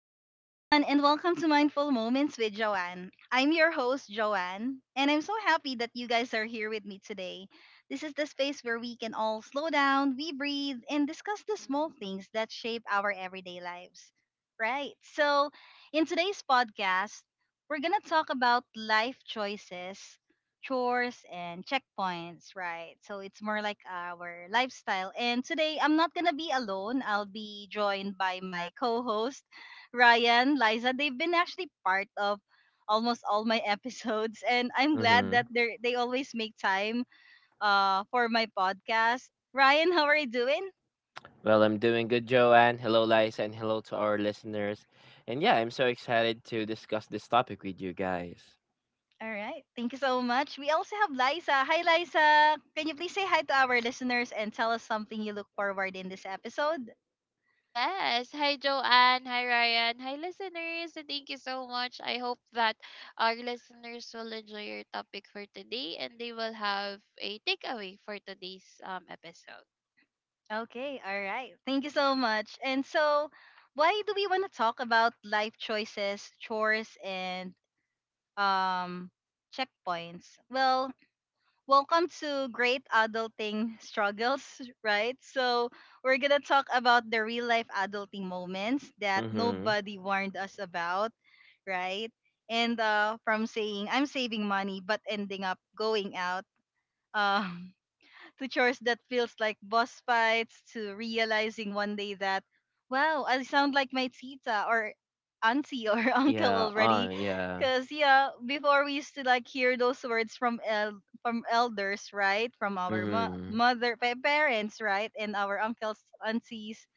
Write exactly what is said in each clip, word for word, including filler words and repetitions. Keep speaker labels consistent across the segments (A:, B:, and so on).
A: Hi, everyone, and welcome to Mindful Moments with Joanne. I'm your host, Joanne, and I'm so happy that you guys are here with me today. This is the space where we can all slow down, we breathe, and discuss the small
B: Mhm.
A: things that shape our everyday lives. Right? So in today's podcast, we're going to talk about life choices, chores, and checkpoints, right? So it's more like our lifestyle. And today, I'm not going to be alone, I'll be joined by my co host. Ryan, Liza, they've been actually part of almost all my episodes, and I'm glad that
C: Mm-hmm.
A: they they always make time uh for my podcast. Ryan, how are you doing?
C: Well, I'm doing good, Joanne. Hello, Liza, and hello to our listeners. And yeah, I'm so excited to discuss this topic with you guys.
A: All right, thank you so much. We also have Liza. Hi, Liza. Can you please say hi to our listeners and tell us something you look forward in this episode?
B: Yes. Hi, Joanne. Hi, Ryan. Hi, listeners, and thank you so much. I hope that our listeners will enjoy your topic for today and they will have a takeaway for today's um, episode.
A: Okay, all right, thank you so much. And so why do we want to talk about life choices, chores, and um checkpoints? Well, welcome to Great Adulting Struggles, right? So we're going to talk about the real life adulting moments that
C: Mm-hmm.
A: nobody warned us about, right? And uh, from saying, I'm saving money, but ending up going out. Uh, to chores that feels like boss fights, to realizing one day that, wow, I sound like my tita or auntie or uncle
C: Yeah, uh,
A: already.
C: yeah.
A: Because, yeah, before we used to like hear those words from el- from elders, right? From our mo-
C: Mm-hmm.
A: mother, pa- parents, right? And our uncles, aunties,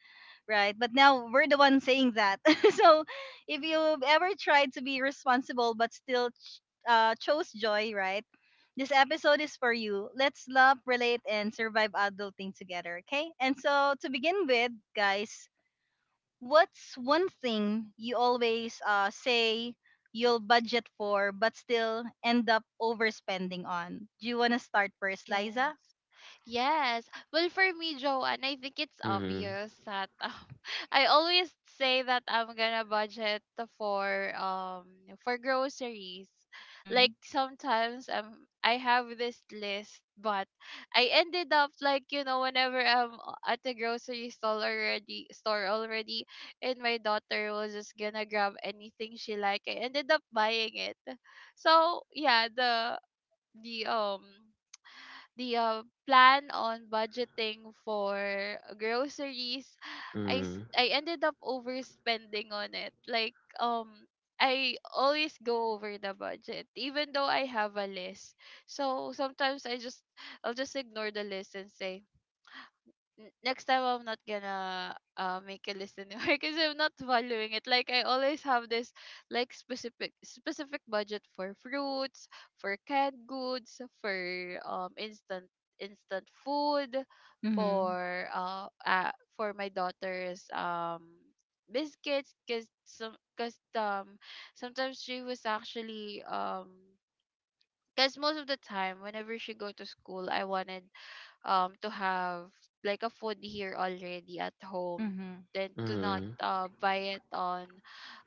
A: right? But now we're the ones saying that. So if you've ever tried to be responsible but still ch- uh, chose joy, right? This episode is for you. Let's love, relate, and survive adulting together, okay? And so to begin with, guys, what's one thing you always uh, say you'll budget for but still end up overspending on? Do you want to start first, Liza?
B: Yes. Yes. Well, for me, Joanne, I think it's
C: Mm-hmm.
B: obvious that um, I always say that I'm gonna budget for um for groceries. Like
A: Mm-hmm.
B: sometimes um I have this list, but I ended up like you know whenever I'm o- at the grocery store already store already, and my daughter was just gonna grab anything she like. I ended up buying it. So yeah, the the um the uh, plan on budgeting for groceries, I s-
C: Mm-hmm.
B: I ended up overspending on it. Like um I always go over the budget even though I have a list. So sometimes I just I'll just ignore the list and say, n- next time I'm not gonna uh, make a list anymore because I'm not following it. Like I always have this like specific specific budget for fruits, for canned goods, for um instant instant food,
A: Mm-hmm.
B: for uh, uh for my daughter's um biscuits, because some because um sometimes she was actually um because most of the time whenever she go to school, I wanted um to have like a food here already at home,
A: Mm-hmm.
B: than to not uh buy it on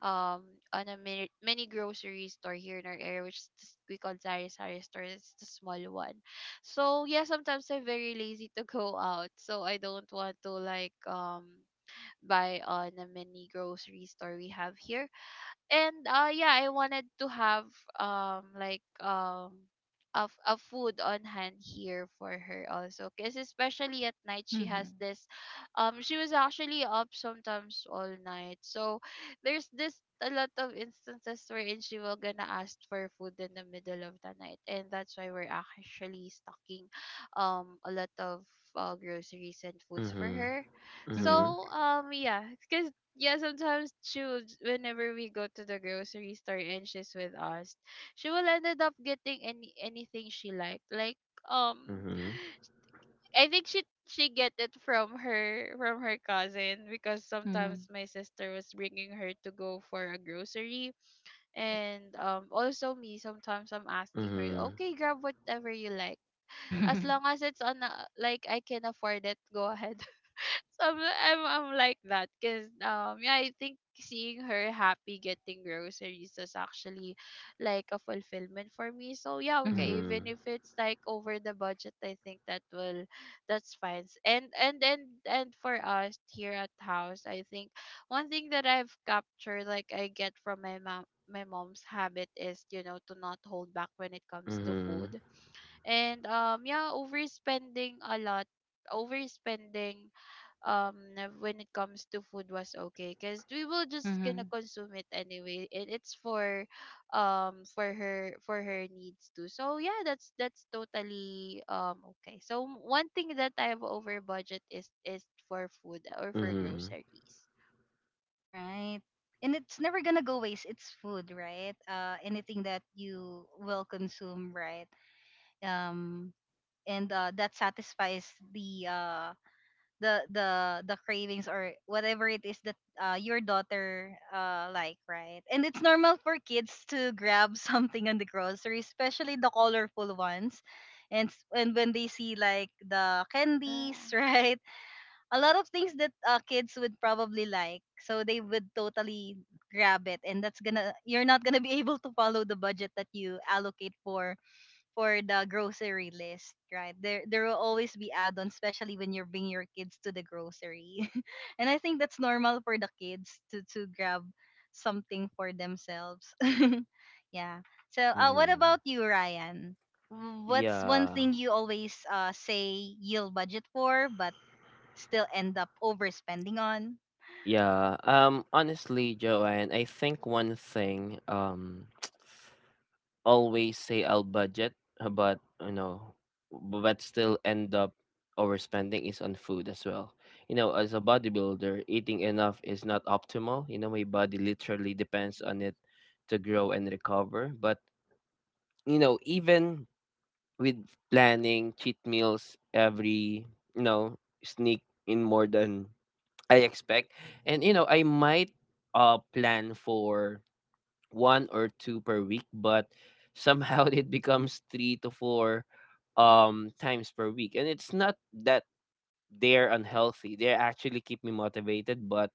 B: um on a mini, mini grocery store here in our area, which is this- we call Sari Sari store, it's the small one. So yeah, sometimes I'm very lazy to go out, so I don't want to like um buy on a mini grocery store we have here. And uh yeah, I wanted to have um like um of a food on hand here for her also, because especially at night she
A: Mm-hmm.
B: has this um she was actually up sometimes all night. So there's this a lot of instances wherein she will gonna ask for food in the middle of the night, and that's why we're actually stocking um a lot of uh, groceries and foods for
C: Mm-hmm.
B: her.
C: Mm-hmm.
A: Mm-hmm.
B: So um yeah, because yeah, sometimes she would, whenever we go to the grocery store and she's with us, she will ended up getting any anything she liked. Like um
C: Mm-hmm.
B: I think she she get it from her from her cousin, because sometimes
A: Mm-hmm.
B: my sister was bringing her to go for a grocery.
A: Right.
B: And um also me sometimes I'm
C: Mm-hmm.
B: asking her,
C: Mm-hmm.
B: okay, grab whatever you like, as long as it's on a, like I can afford it, go ahead. So I'm, I'm, I'm like that, because um yeah, I think seeing her happy getting groceries is actually like a fulfillment for me. So yeah, okay,
A: hmm
B: even
C: Mm-hmm.
B: if it's like over the budget, I think that will that's fine. S- And and and and for us here at house, I think one thing that I've captured, like I get from my mom my mom's habit, is you know to not hold back when it comes to
C: Mm-hmm.
B: food. And um yeah, overspending a lot overspending um when it comes to food was okay, because we will just gonna
A: hmm
B: consume it anyway. It, it's for um for her, for her needs too. So yeah, that's that's totally um okay. So m- one thing that I have over budget is is for food or for
C: Mm-hmm.
B: groceries.
A: Right. And it's never gonna go waste. It's food, right? Uh, anything that you will consume, right? Um, and uh, That satisfies the uh the the the cravings, or whatever it is that uh your daughter uh like, right? And it's normal for kids to grab something on the grocery, especially the colorful ones. And s- and when they see like the candies,
B: Yeah.
A: right? A lot of things that uh, kids would probably like, so they would totally grab it, and that's gonna, you're not gonna be able to follow the budget that you allocate for for the grocery list. Right, there there will always be add-ons, especially when you're bringing your kids to the grocery. And I think that's normal for the kids to to grab something for themselves. Yeah. So uh, what
C: Mm-hmm.
A: about you, Ryan? What's one
C: Yeah.
A: thing you always uh, say you'll budget for but still end up overspending on?
C: Yeah. Um, honestly, Joanne, I think one thing, um, always say I'll budget, uh, but you know, but still end up overspending is on food as well. You know, as a bodybuilder, eating enough is not optimal. You know, my body literally depends on
B: Mhm.
C: it to grow and recover. But you know, even with planning cheat meals every, you know, sneak in more than I expect, and you know, I might uh plan for one or two per week, but somehow it becomes three to four um times per week. And it's not that they're unhealthy. They actually keep me motivated, but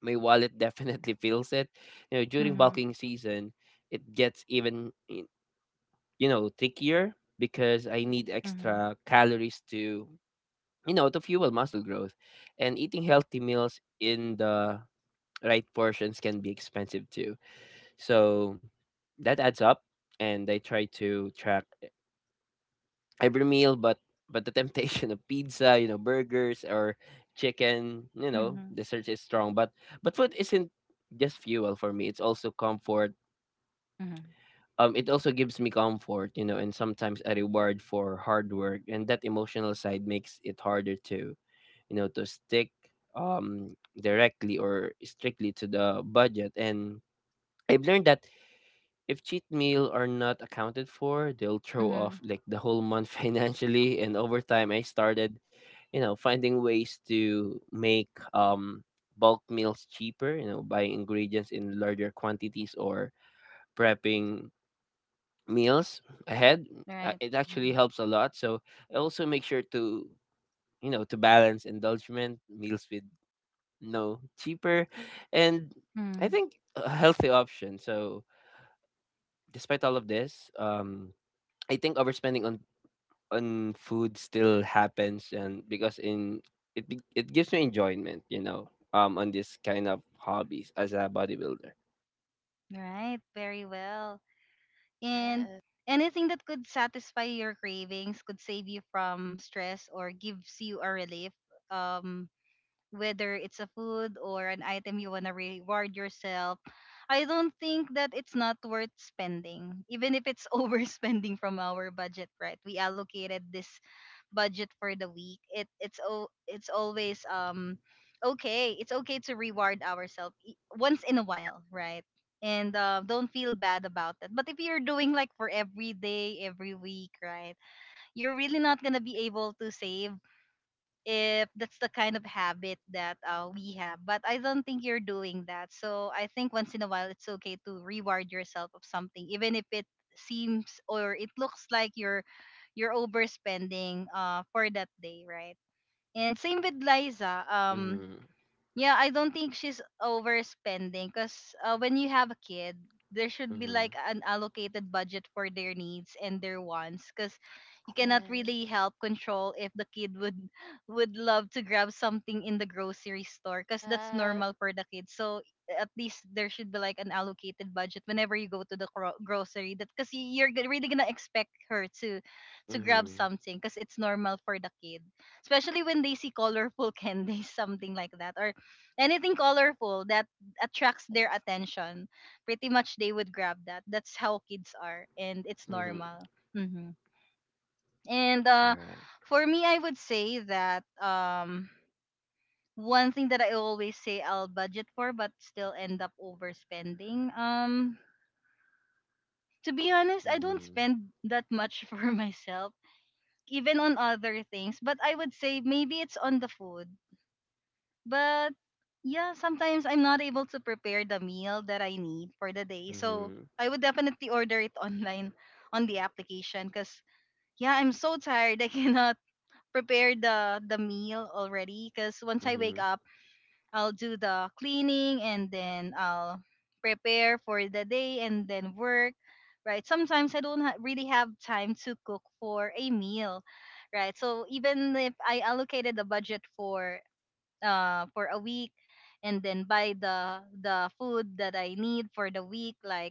C: my wallet definitely feels it. You know, during
A: Mhm.
C: bulking season, it gets even y- you know trickier because I need
A: Mhm.
C: extra calories to you know to fuel muscle growth, and eating healthy meals in the right portions can be expensive too. So that adds up, and I try to track e- every meal, but but the temptation of pizza, you know, burgers or chicken, you know,
A: Mhm.
C: the search is strong. But but food isn't just fuel for me; it's also comfort.
A: Mhm.
C: Um, it also gives me comfort, you know, and sometimes a reward for hard work, and that emotional side makes it harder to, you know, to stick um directly or strictly to the budget. And I've learned that if cheat meal are not accounted for, they'll throw
A: Mhm.
C: off like the whole month financially. And over time, I started, you know, finding ways to make um, bulk meals cheaper. You know, buying ingredients in larger quantities or prepping meals ahead. Uh,
A: Right.
C: It actually
A: Mhm.
C: helps a lot. So I also make sure to you know to balance indulgent meals with no cheaper, and I
A: Mhm.
C: think a healthy option. So despite all of this, um I think overspending on on food still happens, and because in it be- it gives me enjoyment, you know, um, on this kind of hobbies as a bodybuilder.
A: Right, very well. And
B: Mhm. Yes.
A: anything that could satisfy your cravings could save you from stress or gives you a relief. Um, whether it's a food or an item you want to reward yourself, I don't think that it's not worth spending, even if it's overspending from our budget, right? We allocated this budget for the week. It it's o- it's always um okay, it's okay to reward ourselves once in a while, right? And uh, don't feel bad about it. But if you're doing like for every day, every week, right, you're really not gonna be able to save if that's the kind of habit that uh, we have. But I don't think you're doing that. So I think once in a while it's okay to reward yourself of something, even if it seems or it looks like you're you're overspending uh, for that day, right? And same with Liza. Um,
C: Mm-hmm,
A: yeah, I don't think she's overspending, because uh, when you have a kid, there should be
C: mm-hmm,
A: like an allocated budget for their needs and their wants, because you cannot really help control if the kid would would love to grab something in the grocery store, because that's
B: Yes.
A: normal for the kid. So at least there should be like an allocated budget whenever you go to the gro- grocery, that because you're g- really gonna expect her to to grab
C: mm-hmm,
A: something, because it's normal for the kid, especially when they see colorful candies, something like that, or anything colorful that attracts
B: Yes.
A: their
B: Yes.
A: attention. Pretty much they would grab that. That's how kids are, and it's
C: mm-hmm.
A: normal. Hmm and
C: All
A: uh
C: right.
A: For me, I would say that um one thing that I always say I'll budget for but still end up overspending, um to be honest, I don't
C: Mm-hmm,
A: spend that much for myself, even on other things. But I would say maybe it's on the food. But yeah, sometimes I'm not able to prepare the meal that I need for the day. So
C: mm-hmm,
A: I would definitely order it online on the application, because yeah, I'm so tired. I cannot prepare the the meal already, because once I wake
C: mm-hmm,
A: up, I'll do the cleaning, and then I'll prepare for the day, and then work. Right. Sometimes I don't ha- really have time to cook for a meal. Right. So even if I allocated the budget for uh, for a week, and then buy the the food that I need for the week, like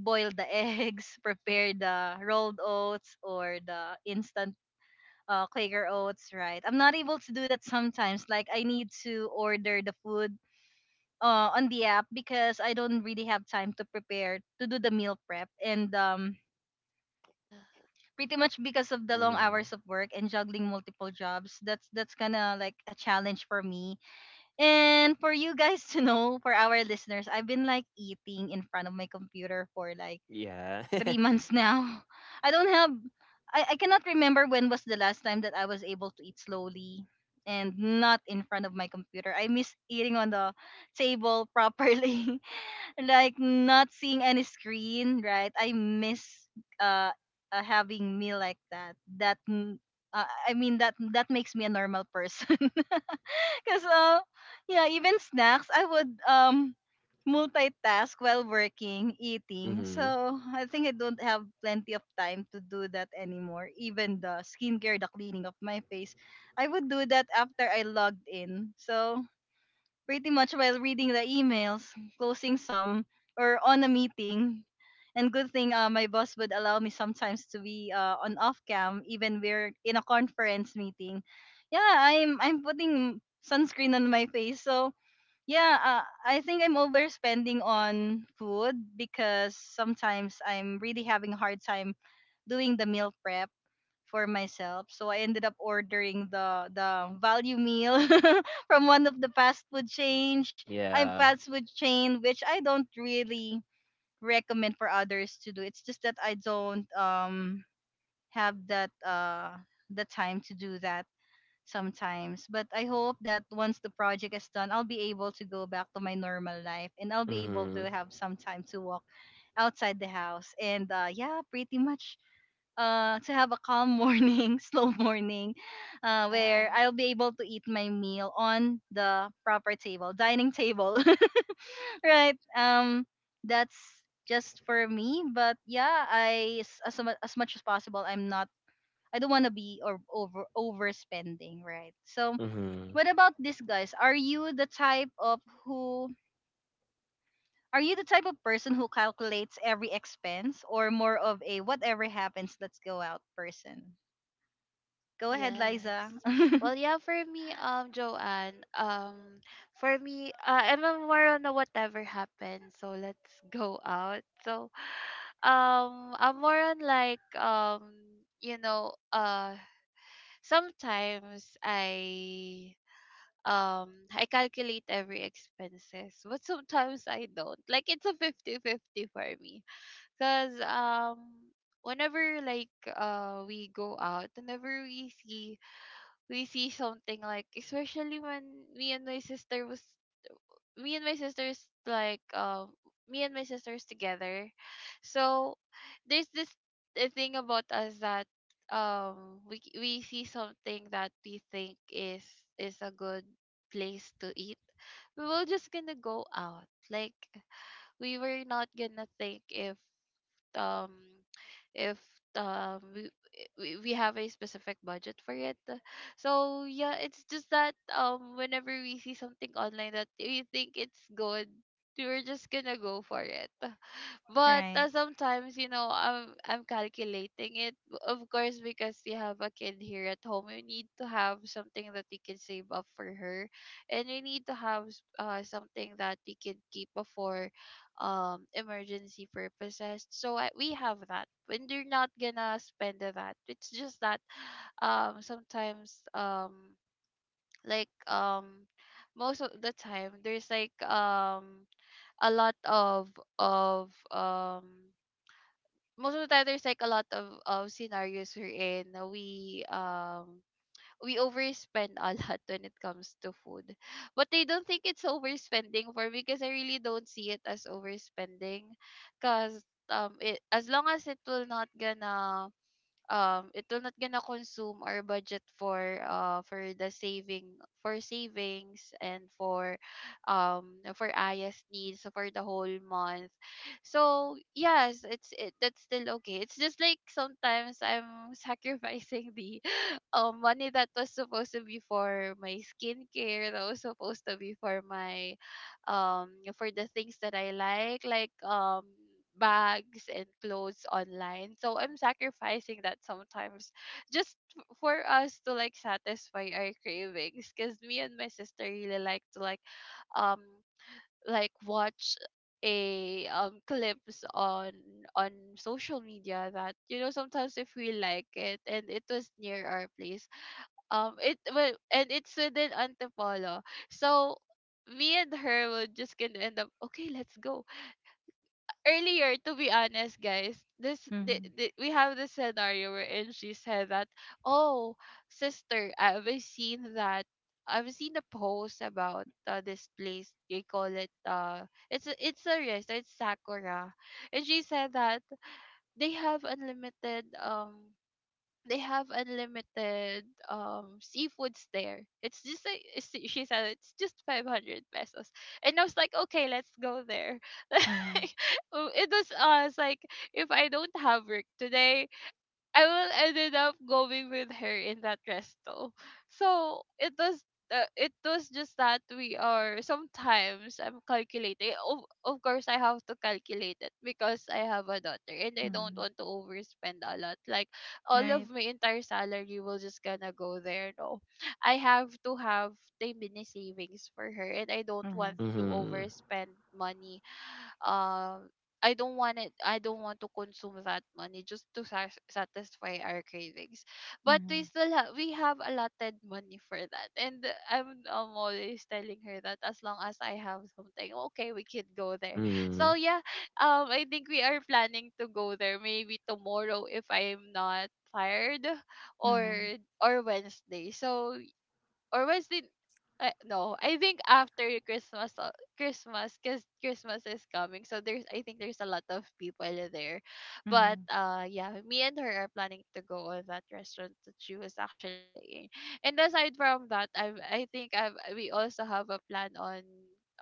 A: boil the eggs, prepare the rolled oats, or the instant uh, Quaker oats, right? I'm not able to do that sometimes. Like, I need to order the food uh, on the app, because I don't really have time to prepare to do the meal prep, and um
B: Yeah.
A: pretty much because of the long
C: mm-hmm.
A: hours of work and juggling multiple jobs. That's that's kind of like a challenge for me. And for you guys to know, for our listeners, I've been like eating in front of my computer for like
C: Yeah.
A: three months now. I don't have, I, I cannot remember when was the last time that I was able to eat slowly and not in front of my computer. I miss eating on the table properly, like not seeing any screen, right? I miss uh, uh having meal like that. That mm, uh, I mean, that that makes me a normal person. Because uh, yeah, even snacks, I would um multitask while working, eating.
C: Mm-hmm.
A: So I think I don't have plenty of time to do that anymore. Even the skincare, the cleaning of my face, I would do that after I logged in. So pretty much while reading the emails, closing some, or on a meeting. And good thing uh, my boss would allow me sometimes to be uh, on off cam, even we're in a conference meeting. Yeah, I'm I'm putting sunscreen on my face, so yeah, uh, I think I'm overspending on food, because sometimes I'm really having a hard time doing the meal prep for myself. So I ended up ordering the the value meal from one of the fast food change. I'm
C: Yeah.
A: fast food chain, which I don't really recommend for others to do. It's just that I don't um have that uh the time to do that sometimes. But I hope that once the project is done, I'll be able to go back to my normal life, and I'll be able
C: Mm-hmm.
A: to have some time to walk outside the house. And uh, yeah, pretty much, uh, to have a calm morning, slow morning, uh,
B: Yeah.
A: where I'll be able to eat my meal on the proper table, dining table, right? Um, that's just for me. But yeah, I s- as mu- as much as possible, I'm not. I don't want to be or over overspending, right? So
C: Mm-hmm.
A: what about this, guys? Are you the type of who? Are you the type of person who calculates every expense, or more of a whatever happens, let's go out person? Go ahead, Liza.
B: Yes. Well, yeah, for me, um, Joanne, um, for me, uh, I'm a more on a whatever happens, so let's go out. So, um, I'm more on like, um, you know, uh, sometimes I, um, I calculate every expenses, but sometimes I don't. Like, it's a fifty fifty for me, cause, um, whenever like, uh, we go out, whenever we see we see something, like especially when me and my sister was me and my sisters like um me and my sisters together. So there's this uh, thing about us that um we c- we see something that we think is is a good place to eat, we were just gonna go out. Like we were not gonna think if um if um we, we we have a specific budget for it. So yeah, it's just that um whenever we see something online that we think it's good, we're just gonna go for it. But
A: Right.
B: uh, sometimes, you know, I'm I'm calculating it. B- Of course, because you have a kid here at home, you need to have something that you can save up for her, and you need to have s- uh something that you can keep up for, um, emergency purposes. So I, we have that. When they are not gonna spend the that, it's just that, um, sometimes, um, like um, most of the time, there's like um a lot of of um most of the time there's like a lot of, of scenarios we're in, we um we overspend a lot when it comes to food. But I don't think it's overspending for me, because I really don't see it as overspending. Because um it as long as it will not gonna um it will not gonna consume our budget for uh for the saving for savings, and for um for Ayas needs for the whole month. So yes, it's it that's still okay. It's just like sometimes I'm sacrificing the um money that was supposed to be for my skincare, that was supposed to be for my um for the things that I like, like um bags and clothes online. So I'm sacrificing that sometimes, just f- for us to like satisfy our cravings, because me and my sister really like to like um like watch a um clips on on social media. That, you know sometimes if we like it and it was near our place, um it well and it's within Antipolo. So me and her will just gonna end up, okay, let's go. Earlier, to be honest, guys, this the,
A: Mhm.
B: the, we have this scenario wherein she said that, oh sister, I've seen that. I've seen a post about uh, this place. They call it uh, it's a, it's a restaurant, it's Sakura, and she said that they have unlimited um they have unlimited um seafoods there. It's just like it's- she said, it's just five hundred pesos, and I was like, okay, let's go there.
A: Mhm.
B: Like, oh, it was uh, it's like if I don't have work today, I will ended up going with her in that resto. So it was uh, it was just that we are, sometimes I'm calculating. Of, of course, I have to calculate it because I have a daughter and I don't
A: Mhm.
B: want to overspend a lot. Like all
A: Right.
B: of my entire salary will just gonna go there. No, I have to have the mini savings for her, and I don't want
A: Mhm.
B: to
C: Mm-hmm.
B: overspend money. Um, I don't want it. I don't want to consume that money just to sas- satisfy our cravings. But we
A: Mhm.
B: still have we have allotted money for that, and I'm I'm always telling her that as long as I have something, okay, we can go there. So yeah, um, I think we are planning to go there maybe tomorrow if I'm not tired,
A: Mhm.
B: or or Wednesday. So or was it uh, no, I think after Christmas, uh, christmas because Christmas is coming, so there's, I think, there's a lot of people there. But
A: Mhm.
B: uh yeah, me and her are planning to go on that restaurant that she was actually saying. And aside from that, I I think I we also have a plan on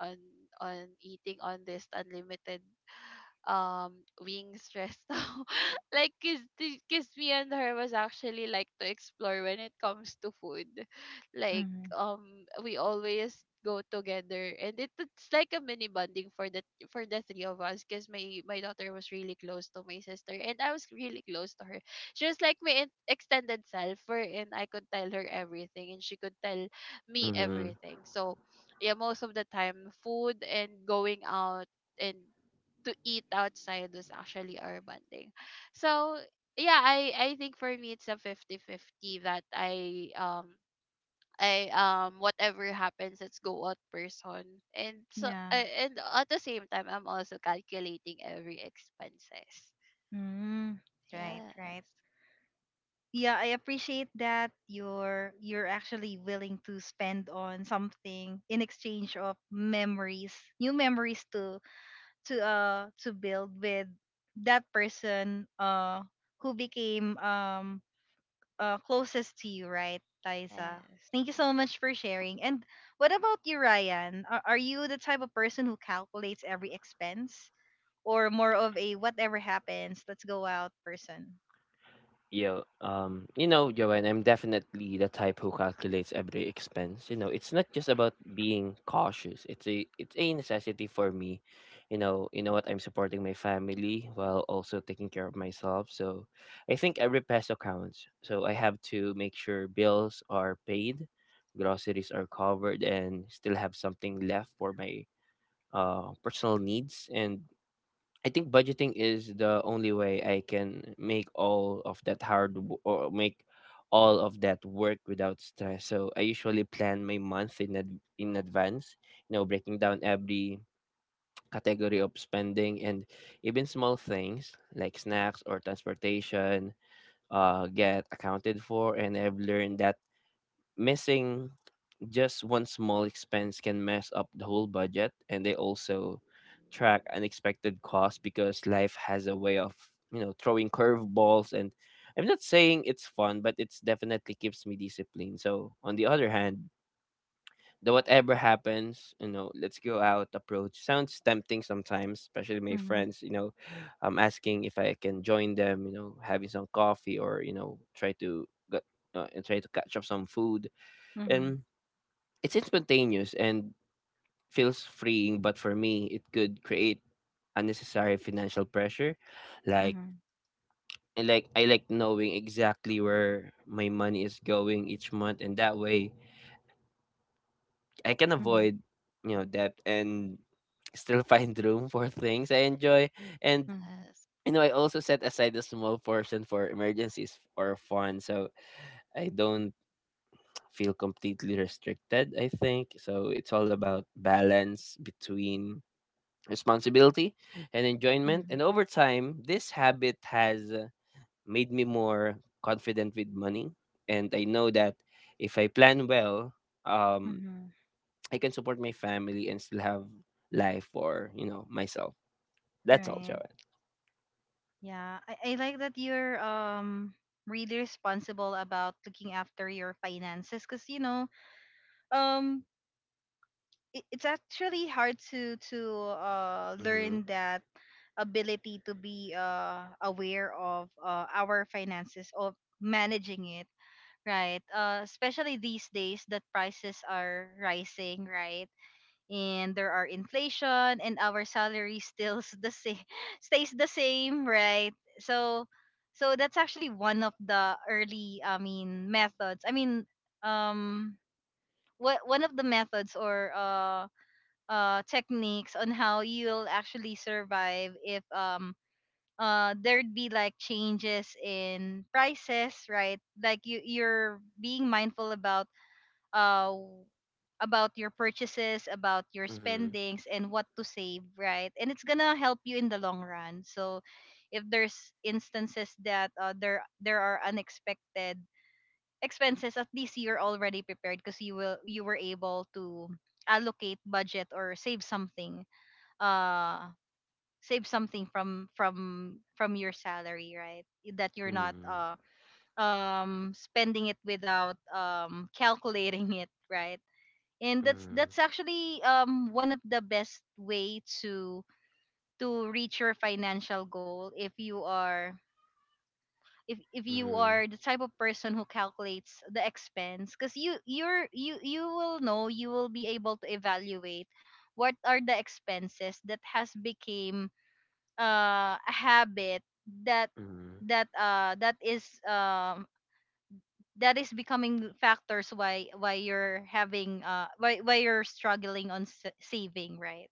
B: on on eating on this unlimited um being stressed out. Like cause, the- cause me and her was actually like to explore when it comes to food. Like
A: Mhm.
B: um we always go together, and it, it's like a mini bonding for the for the three of us, because my my daughter was really close to my sister, and I was really close to her. She was like my in- extended self, and I could tell her everything and she could tell me
C: Mm-hmm.
B: everything. So yeah, most of the time food and going out and to eat outside was actually our bonding. So yeah, I I think for me it's a fifty fifty that I um I um whatever happens let's go out person. And so
A: Yeah.
B: uh, and at the same time I'm also calculating every expenses.
A: Mm. Right, right.
B: Yes.
A: Yeah, I appreciate that you're you're actually willing to spend on something in exchange of memories, new memories to to uh to build with that person uh who became um uh, closest to you, right, Liza?
B: Yes.
A: Thank you so much for sharing. And what about you, Ryan? Are, are you the type of person who calculates every expense, or more of a whatever happens, let's go out person?
C: Yeah, um, you know, Joanne, I'm definitely the type who calculates every expense. You know, it's not just about being cautious. It's a it's a necessity for me. You know, you know what, I'm supporting my family while also taking care of myself. So I think every peso counts. So I have to make sure bills are paid, groceries are covered and still have something left for my uh personal needs, and I think budgeting is the only way I can make all of that hard w- or make all of that work without stress. So I usually plan my month in ad- in advance, you know, breaking down every category of spending, and even small things like snacks or transportation uh get accounted for, and I've learned that missing just one small expense can mess up the whole budget, and they also track unexpected costs because life has a way of, you know, throwing curveballs. And I'm not saying it's fun, but it's definitely keeps me disciplined. So, on the other hand, the whatever happens, you know, let's go out approach sounds tempting sometimes, especially my
A: Mhm,
C: friends, you know, um, asking if I can join them, you know, having some coffee or, you know, try to get, uh, and try to catch up some food.
A: mhm,
C: And it's spontaneous and feels freeing, but for me, it could create unnecessary financial pressure. Like
A: mhm,
C: I like I like knowing exactly where my money is going each month, and that way I can
A: mhm,
C: avoid you know debt and still find room for things I enjoy. And
A: mhm,
B: Yes.
C: you know, I also set aside a small portion for emergencies or fun, so I don't feel completely restricted. I think so. It's all about balance between responsibility and enjoyment.
A: mhm,
C: And over time, this habit has uh, made me more confident with money. And I know that if I plan well, um,
A: mhm.
C: I can support my family and still have life for, you know, myself. That's all,
A: Right.
C: Joanne.
A: Yeah, I, I like that you're um really responsible about looking after your finances, cause you know um it, it's actually hard to to uh,
C: Hmm.
A: learn that ability to be uh, aware of uh, our finances, of managing it right, uh, especially these days that prices are rising, right? And there are inflation and our salary still s- the same stays the same, right? So so that's actually one of the early i mean methods, I mean um what one of the methods or uh uh techniques on how you'll actually survive if um uh there'd be like changes in prices, right? Like you you're being mindful about uh about your purchases, about your
C: Mhm,
A: spendings and what to save, right? And it's gonna help you in the long run. So if there's instances that uh, there there are unexpected expenses, at least you're already prepared because you will you were able to allocate budget or save something, uh save something from from from your salary, right? That you're not
C: mhm,
A: uh um spending it without um calculating it, right? And that's
C: mhm,
A: that's actually um one of the best way to to reach your financial goal if you are if if you
C: mhm,
A: are the type of person who calculates the expense, because you you're you you will know, you will be able to evaluate what are the expenses that has became uh a habit that that uh that is um that is becoming factors why why you're having uh why why you're struggling on s- saving, right?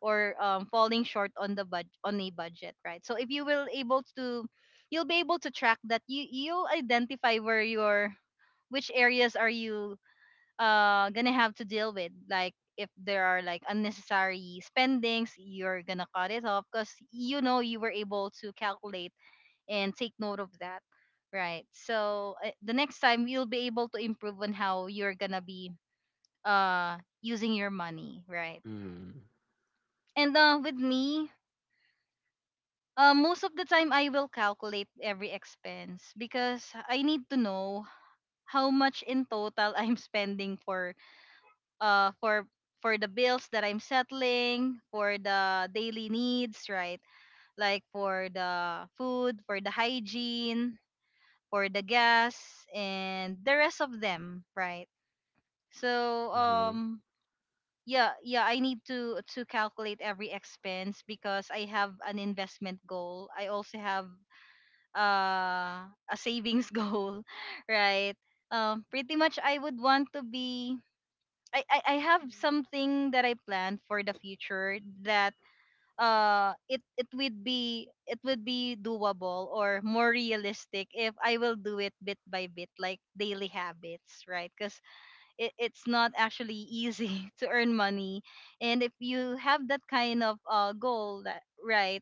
A: Or um falling short on the bud on a budget, right? So if you will able to, you'll be able to track that. You you'll identify where your which areas are you uh gonna have to deal with. Like if there are like unnecessary spendings, you're gonna cut it off because you know you were able to calculate and take note of that, right? So uh, the next time you'll be able to improve on how you're gonna be uh using your money, right?
C: mhm,
A: And uh with me, uh, most of the time I will calculate every expense because I need to know how much in total I'm spending for uh for for the bills that I'm settling, for the daily needs, right? Like for the food, for the hygiene, for the gas and the rest of them, right? So
C: mhm,
A: um yeah, yeah, I need to to calculate every expense because I have an investment goal. I also have uh a savings goal, right? Um pretty much I would want to be I, I I have
B: Mhm.
A: something that I plan for the future that uh it it would be, it would be doable or more realistic if I will do it bit by bit, like daily habits, right? Because it, it's not actually easy to earn money. And if you have that kind of uh goal that, right,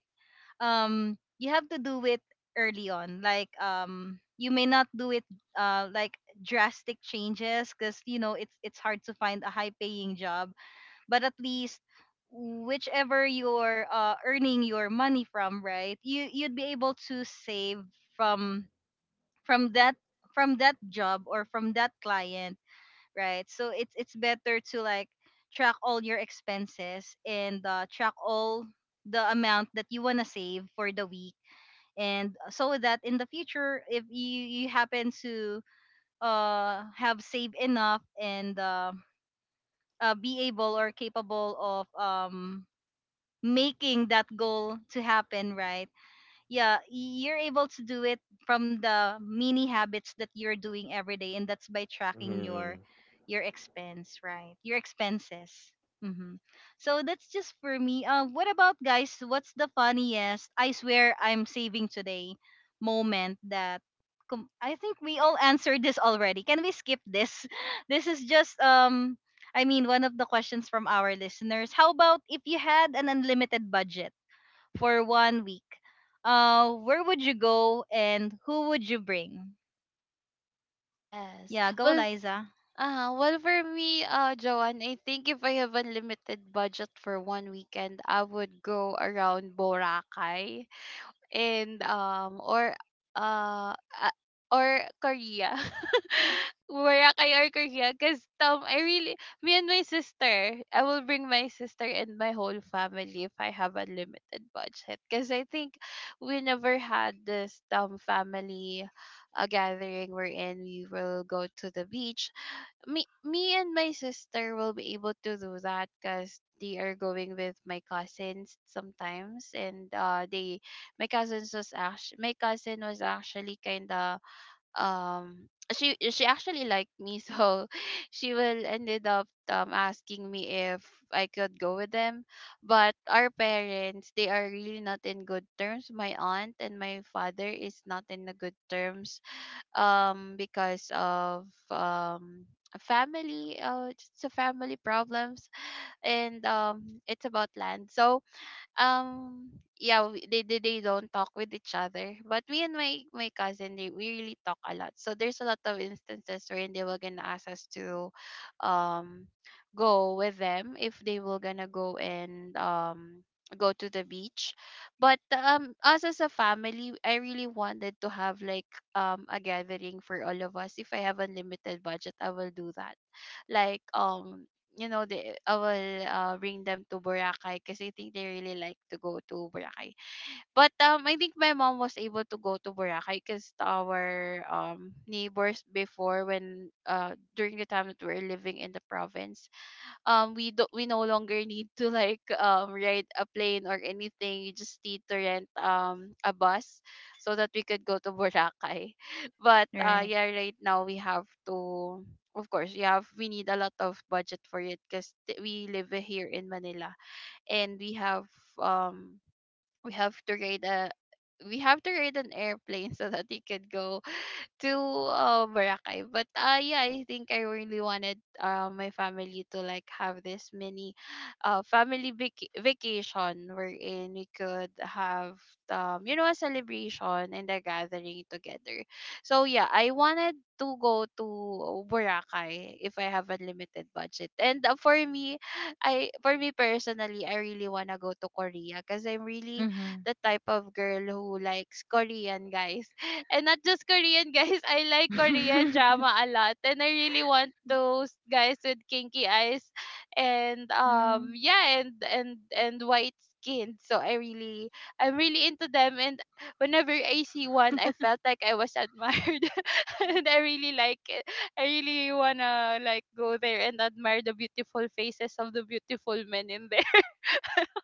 A: um you have to do it early on, like um you may not do it uh like drastic changes, because you know it's it's hard to find a high paying job. But at least whichever you're uh, earning your money from, right, you you'd be able to save from from that, from that job or from that client, right? So it's it's better to like track all your expenses and uh, track all the amount that you want to save for the week, and so that in the future if you, you happen to uh, have saved enough and uh, uh, be able or capable of um, making that goal to happen, right? Yeah, you're able to do it from the mini habits that you're doing every day, and that's by tracking your
C: mhm,
A: your expense, right? Your expenses. Mm-hmm. So that's just for me. Uh, what about guys, what's the funniest "I swear I'm saving today" moment that com- I think we all answered this already, can we skip this? This is just um i mean one of the questions from our listeners. How about if you had an unlimited budget for one week? Uh, where would you go and who would you bring?
B: Yes.
A: Yeah, go
B: Well, f-
A: Liza.
B: uh, well for me, uh, Joanne, I think if I have unlimited budget for one weekend, I would go around Boracay and um or uh a- or Korea. Boracay or Korea because um I really me and my sister, I will bring my sister and my whole family if I have a limited budget because I think we never had this um family, uh, gathering wherein we will go to the beach. Me me and my sister will be able to do that because they are going with my cousins sometimes, and uh they my cousins was actually my cousin was actually kind of, um she she actually liked me, so she will ended up um asking me if I could go with them. But our parents, they are really not in good terms. My aunt and my father is not in a good terms, um because of, um a family uh it's a family problems. And um it's about land. So, um yeah, we, they, they they don't talk with each other, but me and my my cousin, they we really talk a lot. So there's a lot of instances wherein they were gonna ask us to um go with them if they were gonna go, and um go to the beach. But um us as a family, I really wanted to have, like, um a gathering for all of us. If I have unlimited budget, I will do that, like, um you know, the I will, uh, bring them to Boracay because I think they really like to go to Boracay. But um, I think my mom was able to go to Boracay because our um neighbors before, when uh during the time that we were living in the province, um we do we no longer need to, like, um ride a plane or anything. You just need to rent um a bus so that we could go to Boracay. But uh
A: Right.
B: yeah, right now we have to, of course, we have we need a lot of budget for it because we live here in Manila, and we have, um we have to ride a we have to ride an airplane so that we could go to, uh, Boracay. But uh, yeah, I think I really wanted, uh, my family to like have this mini, uh, family vac- vacation wherein we could have, um, you know a celebration and a gathering together. So yeah, I wanted to go to Boracay if I have unlimited budget. And uh, for me, I for me personally, I really wanna go to Korea because I'm really
A: Mm-hmm.
B: the type of girl who likes Korean guys, and not just Korean guys. I like Korean drama a lot, and I really want those guys with kinky eyes, and
A: mm mm-hmm.
B: um, yeah, and and and white skin. So I really, I'm really into them. And whenever I see one, I felt like I was admired, and I really like it. I really wanna like go there and admire the beautiful faces of the beautiful men in there.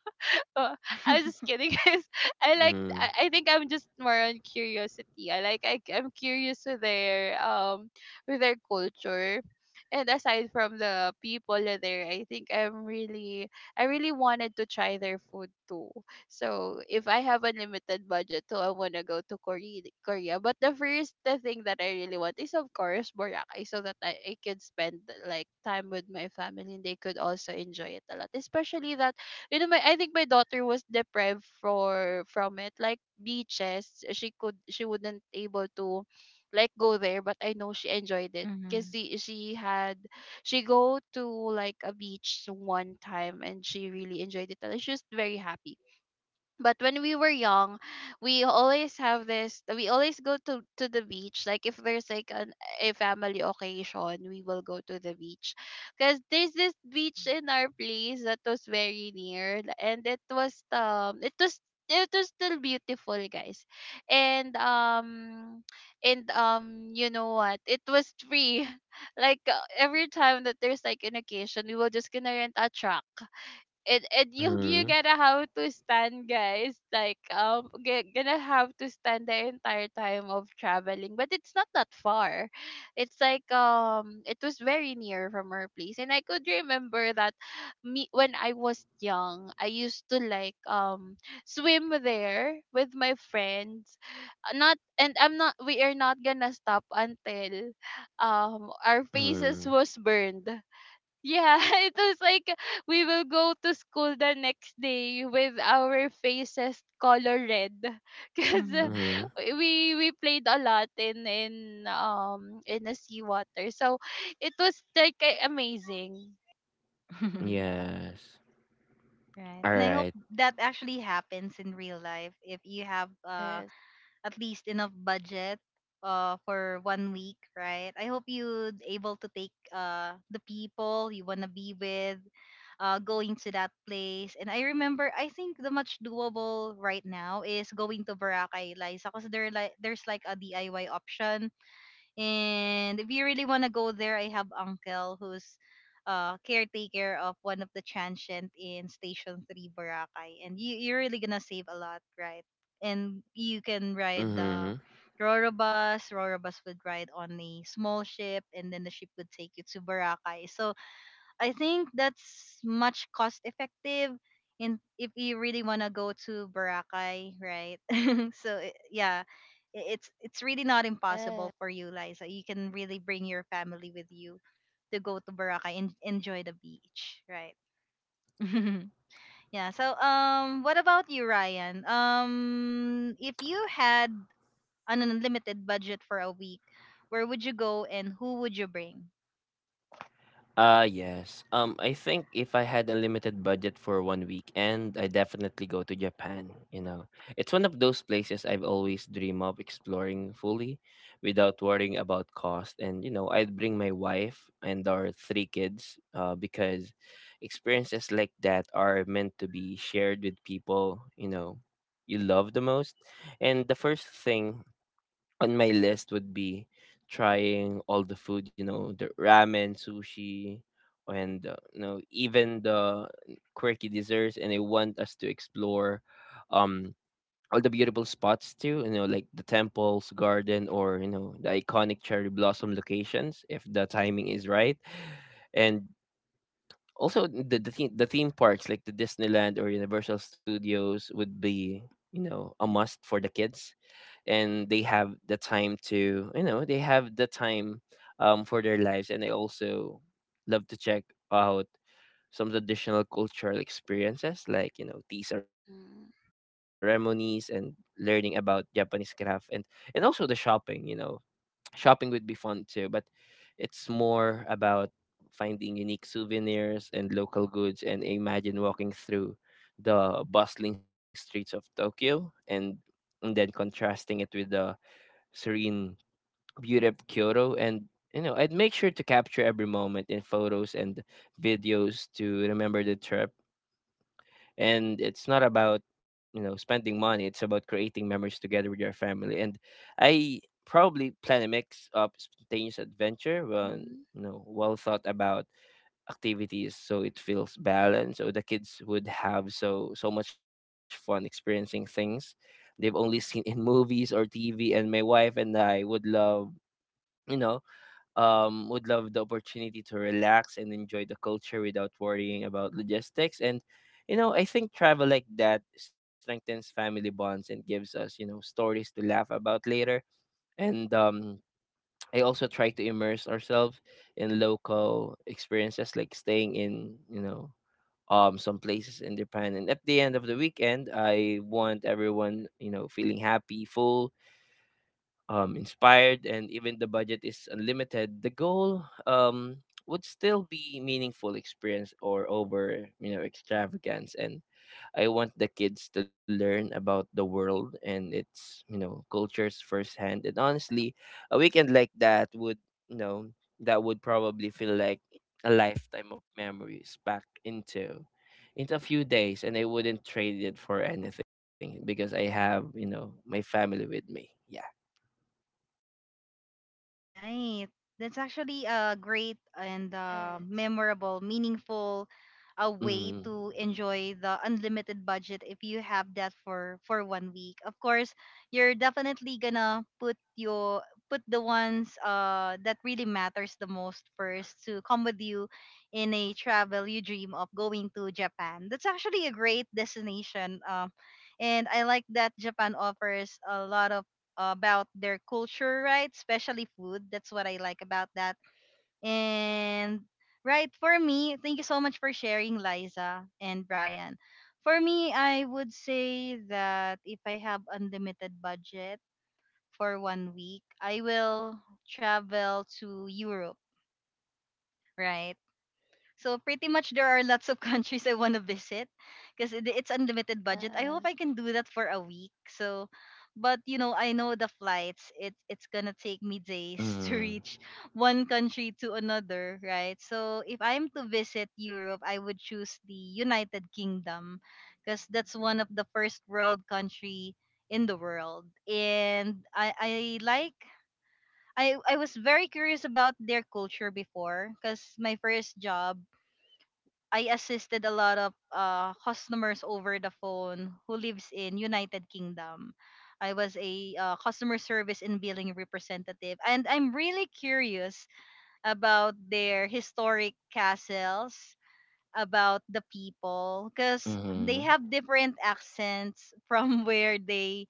B: Oh, I was just kidding, guys. I like.
C: mhm,
B: I I think I'm just more on curiosity. I like. I, I'm curious with their, um with their culture, and aside from the people there, I think I'm really. I really wanted to try their food too. So if I have a limited budget, too, I wanna go to Korea. Korea, but the first the thing that I really want is, of course, Boracay, so that I, I could spend, like, time with my family, and they could also enjoy it a lot, especially that you know my I think my daughter was deprived for from it, like beaches, she could she wouldn't able to like go there. But I know she enjoyed it because she, she had, she go to like a beach one time, and she really enjoyed it, and she was very happy. But when we were young, we always have this we always go to to the beach, like if there's like an a family occasion, we will go to the beach, because there's this beach in our place that was very near, and it was um it was it was still beautiful, guys. And um and um you know what, it was free. Like, uh, every time that there's like an occasion, we were just gonna rent a truck, and and
C: mhm,
B: you you
C: mhm,
B: gonna have to stand, guys, like, um g- gonna have to stand the entire time of traveling, but it's not that far. It's like um it was very near from our place, and I could remember that, me when I was young, I used to, like, um swim there with my friends. Uh, not and I'm not We are not gonna stop until um our faces
C: mhm,
B: was burned. Yeah, it was like we will go to school the next day with our faces color red, because
A: Mm-hmm.
C: mhm.
B: we we played a lot in in um in the seawater. So it was like a- amazing.
C: Yes.
A: Right.
C: All
A: And I hope
C: right.
A: that actually happens in real life if you have uh.
B: Yes.
A: at least enough budget uh for one week, right? I hope you'd able to take uh the people you wanna be with uh going to that place. And I remember I think the much doable right now is going to Boracay, Liza, because there like there's like a D I Y option, and if you really want to go there, I have uncle who's uh caretaker of one of the transient in Station three Boracay. And you you're really going to save a
C: Mhm.
A: lot, right? And you can ride the Roro bus. Roro bus would ride on a small ship, and then the ship would take you to Boracay. So I think that's much cost effective in if you really want to go to Boracay, right? so i- yeah, i- it's it's really not
B: Yes.
A: impossible for you, Liza. You can really bring your family with you to go to Boracay and enjoy the beach, right? Yeah. So um, what about you, Ryan? Um, if you had an unlimited budget for a week, where would you go and who would you bring?
C: Uh yes. Um I think if I had a limited budget for one weekend, I definitely go to Japan, you know. It's one of those places I've always dream of exploring fully without worrying about cost, and you know, I'd bring my wife and our three kids uh because experiences like that are meant to be shared with people, you know, you love the most. And the first thing on my list would be trying all the food, you know, the ramen, sushi, and uh, you know even the quirky desserts. And I want us to explore um all the beautiful spots too, you know, like the temples, garden, or you know the iconic cherry blossom locations if the timing is right, and also the the theme, the theme parks like the Disneyland or Universal Studios would be you know a must for the kids, and they have the time to you know they have the time um, for their lives, and I also love to check out some traditional cultural experiences like you know tea ceremonies
B: Mhm.
C: and learning about Japanese craft, and and also the shopping, you know, shopping would be fun too, but it's more about finding unique souvenirs and local goods, and imagine walking through the bustling streets of Tokyo, and and then contrasting it with the serene beauty of Kyoto. And you know I'd make sure to capture every moment in photos and videos to remember the trip, and it's not about you know spending money, it's about creating memories together with your family. And I probably plan a mix of spontaneous adventure and
B: Mhm.
C: you know well thought about activities, so it feels balanced, so the kids would have so so much fun experiencing things they've only seen in movies or T V, and my wife and I would love you know, um, would love the opportunity to relax and enjoy the culture without worrying about logistics. And, you know, I think travel like that strengthens family bonds and gives us, you know, stories to laugh about later. And um, I also try to immerse ourselves in local experiences, like staying in, you know, um, some places in Japan. And at the end of the weekend, I want everyone, you know, feeling happy, full, um, inspired, and even the budget is unlimited, the goal um, would still be meaningful experience or over you know extravagance. And I want the kids to learn about the world and its you know cultures firsthand. And honestly, a weekend like that would you know that would probably feel like a lifetime of memories packed into into a few days, and I wouldn't trade it for anything because I have, you know, my family with me. Yeah.
A: Right. That's actually a great and uh,
B: Yes.
A: memorable, meaningful a way
C: Mm.
A: to enjoy the unlimited budget if you have that for for one week. Of course, you're definitely gonna put your put the ones uh that really matters the most first to come with you in a travel you dream of going to Japan. That's actually a great destination. Um, and I like that Japan offers a lot of about their culture, right? Especially food. That's what I like about that. And right, for me, thank you so much for sharing, Liza and Brian. For me, I would say that if I have unlimited budget for one week, I will travel to Europe, right? So pretty much there are lots of countries I want to visit because it's unlimited budget. I hope
B: Yes.
A: I can do that for a week. So but you know, I know the flights, it it's gonna take me days to
C: Mhm.
A: reach one country to another, right? So if I'm to visit Europe, I would choose the United Kingdom, because that's one of the first world country in the world. And I I like, I, I was very curious about their culture before, because my first job I assisted a lot of uh, customers over the phone who lives in United Kingdom. I was a uh, customer service and billing representative, and I'm really curious about their historic castles, about the people, because they
C: Mhm.
A: have different accents from where they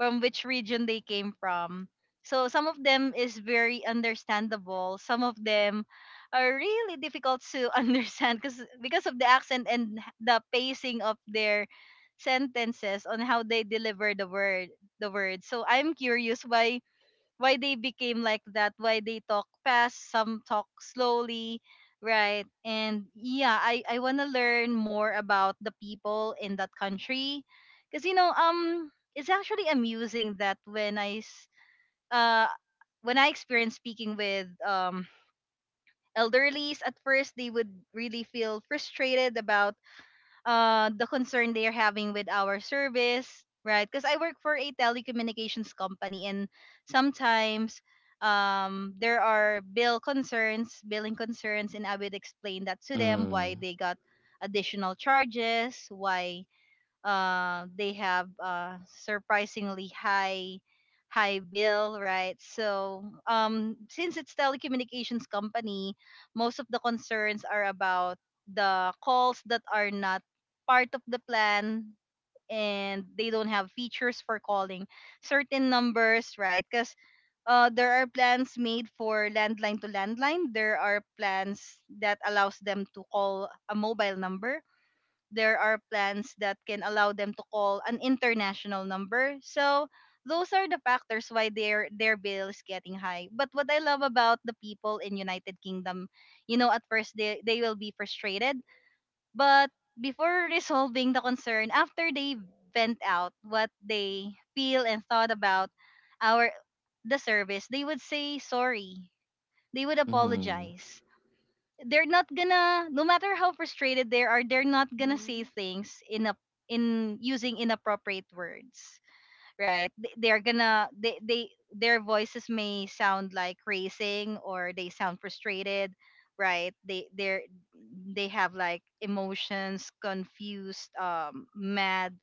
A: from which region they came from. So some of them is very understandable. Some of them are really difficult to understand because because of the accent and the pacing of their sentences on how they deliver the word the word. So I'm curious why why they became like that, why they talk fast, some talk slowly, right? And yeah, I I want to learn more about the people in that country, cuz you know, um it's actually amusing that when I s- uh when I experienced speaking with um elderlies, at first they would really feel frustrated about uh, the concern they're having with our service, right? Because I work for a telecommunications company, and sometimes um, there are bill concerns, billing concerns, and I would explain that to them why
C: Mhm.
A: they got additional charges, why uh, they have uh, surprisingly high high bill, right? So um since it's telecommunications company, most of the concerns are about the calls that are not part of the plan, and they don't have features for calling certain numbers, right? Because uh, there are plans made for landline to landline, there are plans that allows them to call a mobile number, there are plans that can allow them to call an international number. So those are the factors why their their bill is getting high. But what I love about the people in United Kingdom, you know, at first they they will be frustrated, but before resolving the concern, after they vent out what they feel and thought about our the service, they would say sorry. They would
C: Mhm.
A: apologize. They're not gonna No matter how frustrated they are, they're not gonna say
B: Mhm.
A: things in a in using inappropriate words, right? Th- they're gonna they, they their voices may sound like racing or they sound frustrated, right? They they're they have like emotions, confused, um mad,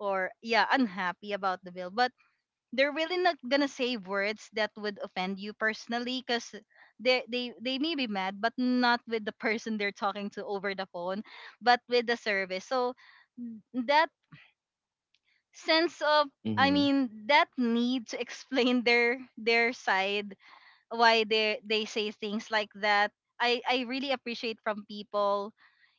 A: or yeah, unhappy about the bill, but they're really not gonna say words that would offend you personally, because they, they they may be mad, but not with the person they're talking to over the phone, but with the service. So that sense of i
C: Mhm.
A: mean that need to explain their their side, why they they say things like that, i i really appreciate from people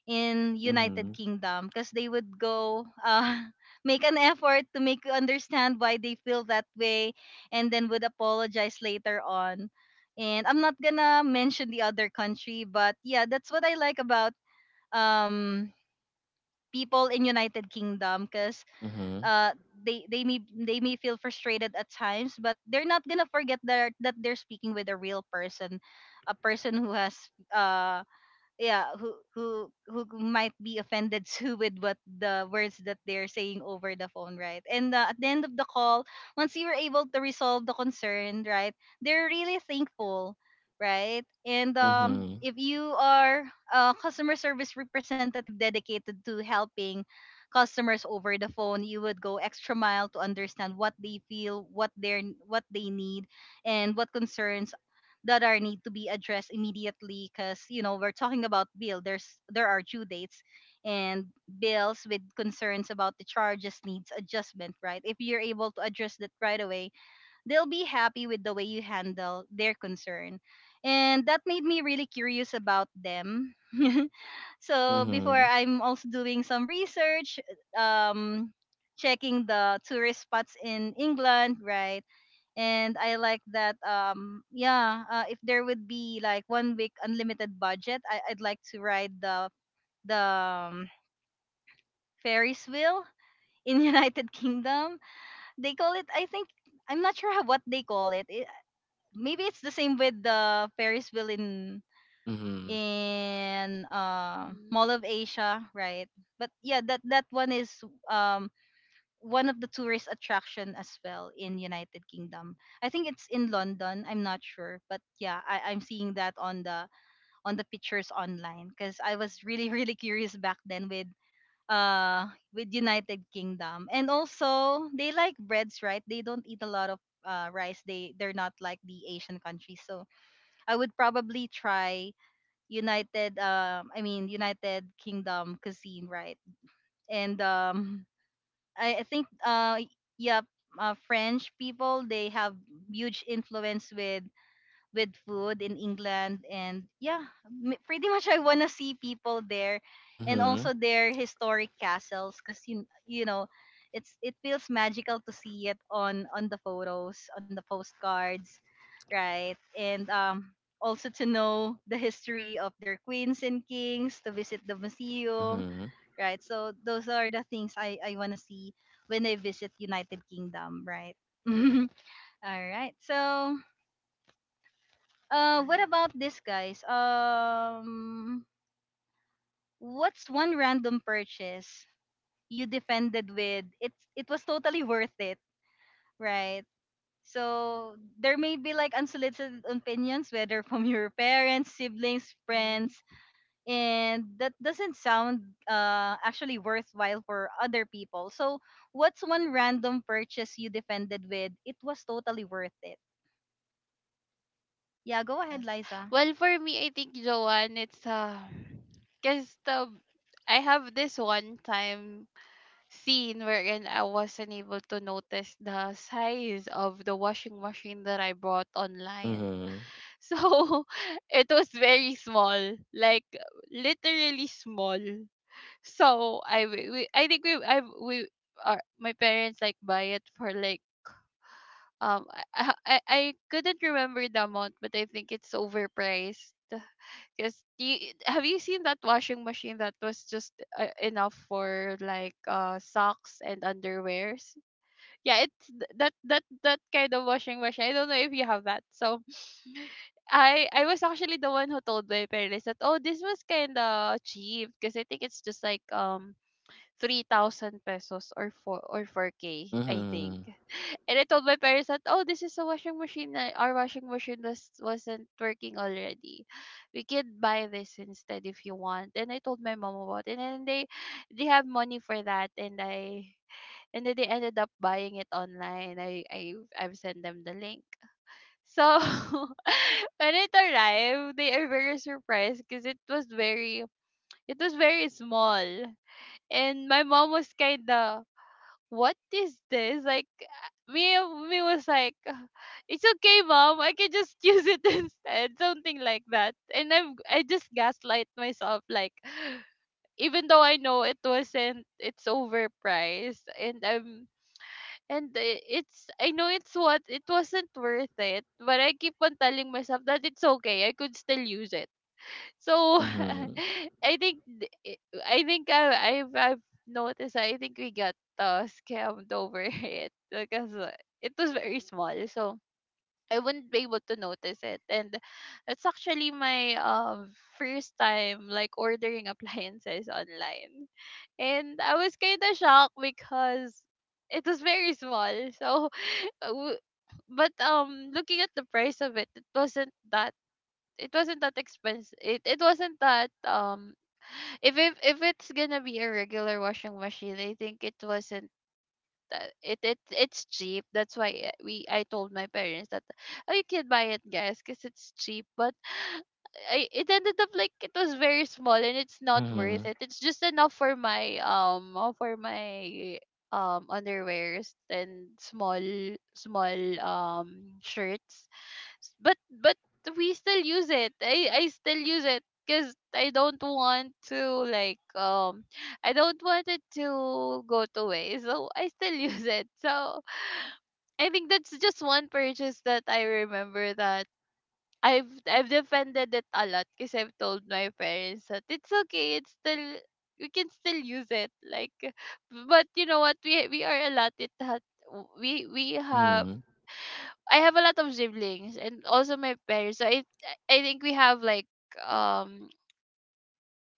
A: in United Kingdom, because they would go uh, make an effort to make you understand why they feel that way, and then would apologize later on. And I'm not gonna mention the other country, but yeah, that's what I like about um people in United Kingdom because
C: Mhm.
A: uh they they may they may feel frustrated at times, but they're not gonna forget that that they're speaking with a real person, a person who has uh yeah who who who might be offended too with what the words that they're saying over the phone, right? And uh, at the end of the call, once you were able to resolve the concern, right, they're really thankful, right? And um
C: Mhm.
A: if you are a customer service representative dedicated to helping customers over the phone, you would go extra mile to understand what they feel, what they're what they need, and what concerns that are need to be addressed immediately, because you know we're talking about bill, there's there are due dates and bills with concerns about the charges needs adjustment, right? If you're able to address that right away, they'll be happy with the way you handle their concern. And that made me really curious about them. So before,
C: Mhm.
A: I'm also doing some research, um checking the tourist spots in England, right? And I like that. um yeah uh, if there would be like one week unlimited budget, I I'd like to ride the the um, Ferris wheel in United Kingdom. They call it, I think, I'm not sure how, what they call it. It maybe it's the same with the Ferris wheel in
C: Mhm.
A: in uh, Mall
B: Mhm.
A: of Asia, right? But yeah, that that one is um one of the tourist attraction as well in United Kingdom. I think it's in London. I'm not sure, but yeah, I, I'm seeing that on the on the pictures online because I was really really curious back then with uh with United Kingdom. And also they like breads, right? They don't eat a lot of uh, rice. They they're not like the Asian countries. So I would probably try United. Um, I mean United Kingdom cuisine, right? And um I, I think uh yeah uh, French people, they have huge influence with with food in England. And yeah, m- pretty much I wanna see people there and also
C: Mhm.
A: their historic castles, because you you know it's it feels magical to see it on on the photos, on the postcards, right? And um also to know the history of their queens and kings, to visit the museum,
C: Mhm.
A: right? So those are the things I, I want to see when I visit United Kingdom, right? All right. So, uh, what
B: Yes.
A: about this, guys? Um, what's one random purchase you defended with? It it was totally worth it, right? So there may be like unsolicited opinions, whether from your parents, siblings, friends,
B: Mhm.
A: and that doesn't sound uh, actually worthwhile for other people. So, what's one random purchase you defended with? It was totally worth it. Yeah, go ahead,
B: Yes.
A: Liza.
B: Well, for me, I think, Joanne, it's, uh, cause, the I have this one time scene wherein I wasn't able to notice the size of the washing machine that I bought online.
C: Mhm.
B: So it was very small, like literally small. So I we, we- I think we I we uh, my parents like buy it for, like, um I, I I I couldn't remember the amount, but I think it's overpriced because, have you seen that washing machine that was just, uh, enough for like, uh socks and underwears? Yeah, it's th- that that that kind of washing machine. I don't know if you have that. So I I was actually the one who told my parents that, oh, this was kind of cheap because I think it's just like, um three thousand pesos or four, or four k
C: Mhm.
B: I think.
C: Mhm.
B: And I told my parents that, oh, this is a washing machine that our washing machine was wasn't working already. We could buy this instead if you want. And I told my mom about it, and then they they have money for that, and I and then they ended up buying it online. I I I've sent them the link. So when it arrived, they are very surprised because it was very it was very small, and my mom was kinda, what is this, like, uh, me me was like, "Uh, it's okay, mom, I can just use it," instead, something like that. And i am i just gaslight myself, like, even though I know it wasn't it's overpriced, and i'm and i- it's, I know it's what it wasn't worth it, but I keep on telling myself that it's okay, I could still use it, so.
C: Mhm.
B: I think th- i- I think I I've, I've noticed, I think we got, uh, scammed over it because, uh, it was very small, so I wouldn't be able to notice it. And it's actually my, um first time like ordering appliances online. And I was kind of shocked because it was very small. So uh, w- but um looking at the price of it, it wasn't that it wasn't that expensive. It it wasn't that, um if if if it's gonna be a regular washing machine, I think it wasn't that it it it's cheap. That's why I- we I told my parents that, oh, you can buy it, guys, because it's cheap. But I it ended up like it was very small, and it's not worth
C: Mhm.
B: it. It's just enough for my, um uh, for my um underwears and small small, um shirts. S- but but We still use it, i i still use it because i don't want to like um I don't want it to go to waste, so I still use it. So I think that's just one purchase that I remember, that i've i've defended it a lot, because I've told my parents that it's okay, it's still we can still use it, like, but you know what, we we are allotted that, we we have
C: Mhm.
B: I have a lot of siblings and also my parents. So I I think we have like, um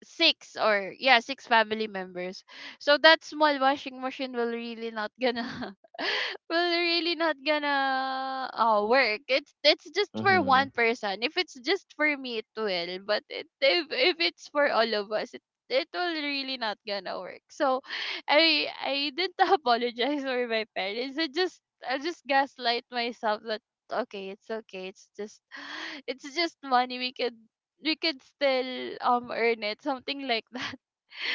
B: six, or yeah, six family members, so that small washing machine will really not gonna will really not gonna uh, work. It's it's just for one
C: Mhm.
B: person, if it's just for me, it will, but it, if if it's for all of us, it it will really not gonna work. So i i didn't apologize for my parents. i just I just gaslight myself that, okay, it's okay it's just, it's just money, we can we could still, um earn it, something like that.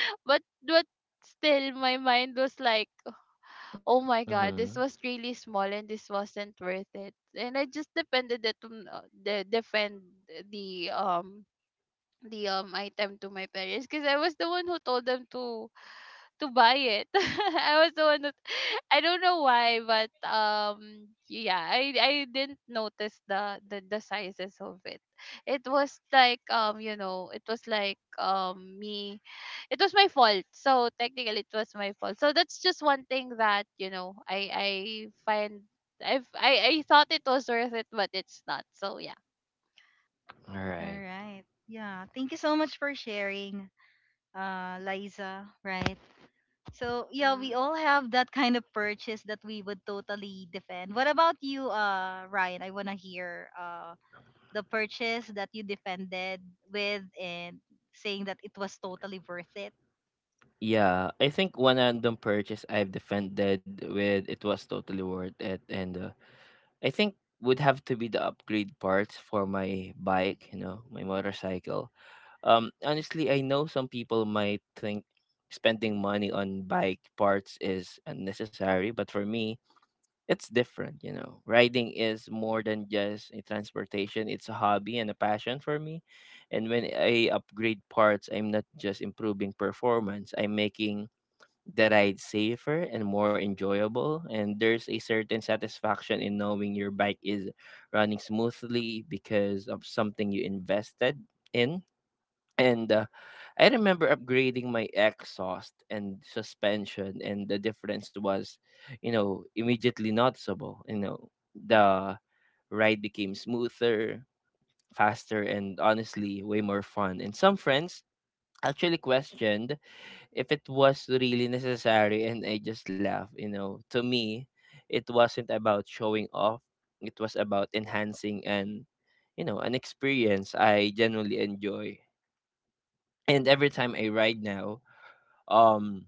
B: But but still, my mind was like, oh my
C: Mhm.
B: god, this was really small and this wasn't worth it. And I just depended it on, uh, the defend the um the um item to my parents because I was the one who told them to to buy it. I was the one who I don't know why, but um yeah, I I didn't notice the the, the sizes of it. It was like, um you know, it was like, um me. It was my fault. So technically, it was my fault. So that's just one thing that, you know, I I find I've I I thought it was worth it, but it's not. So yeah.
C: All
A: All
C: right.
A: right. Yeah, thank you so much for sharing, uh, Liza. Right. So, yeah, we
B: Mm,
A: all have that kind of purchase that we would totally defend. What about you, uh, Ryan? I want to hear uh, the purchase that you defended with and saying that it was totally worth it.
C: Yeah, I think one random purchase I've defended with it was totally worth it, and uh, I think would have to be the upgrade parts for my bike, you know, my motorcycle. Um, honestly, I know some people might think spending money on bike parts is unnecessary, but for me, it's different. You know, riding is more than just a transportation, it's a hobby and a passion for me. And when I upgrade parts, I'm not just improving performance, I'm making the ride safer and more enjoyable. And there's a certain satisfaction in knowing your bike is running smoothly because of something you invested in. And uh, I remember upgrading my exhaust and suspension, and the difference was, you know, immediately noticeable. You know, the ride became smoother, faster, and honestly, way more fun. And some friends actually questioned if it was really necessary, and I just laughed. You know, to me, it wasn't about showing off, it was about enhancing and you know, an experience I genuinely enjoy. And every time I ride now, um,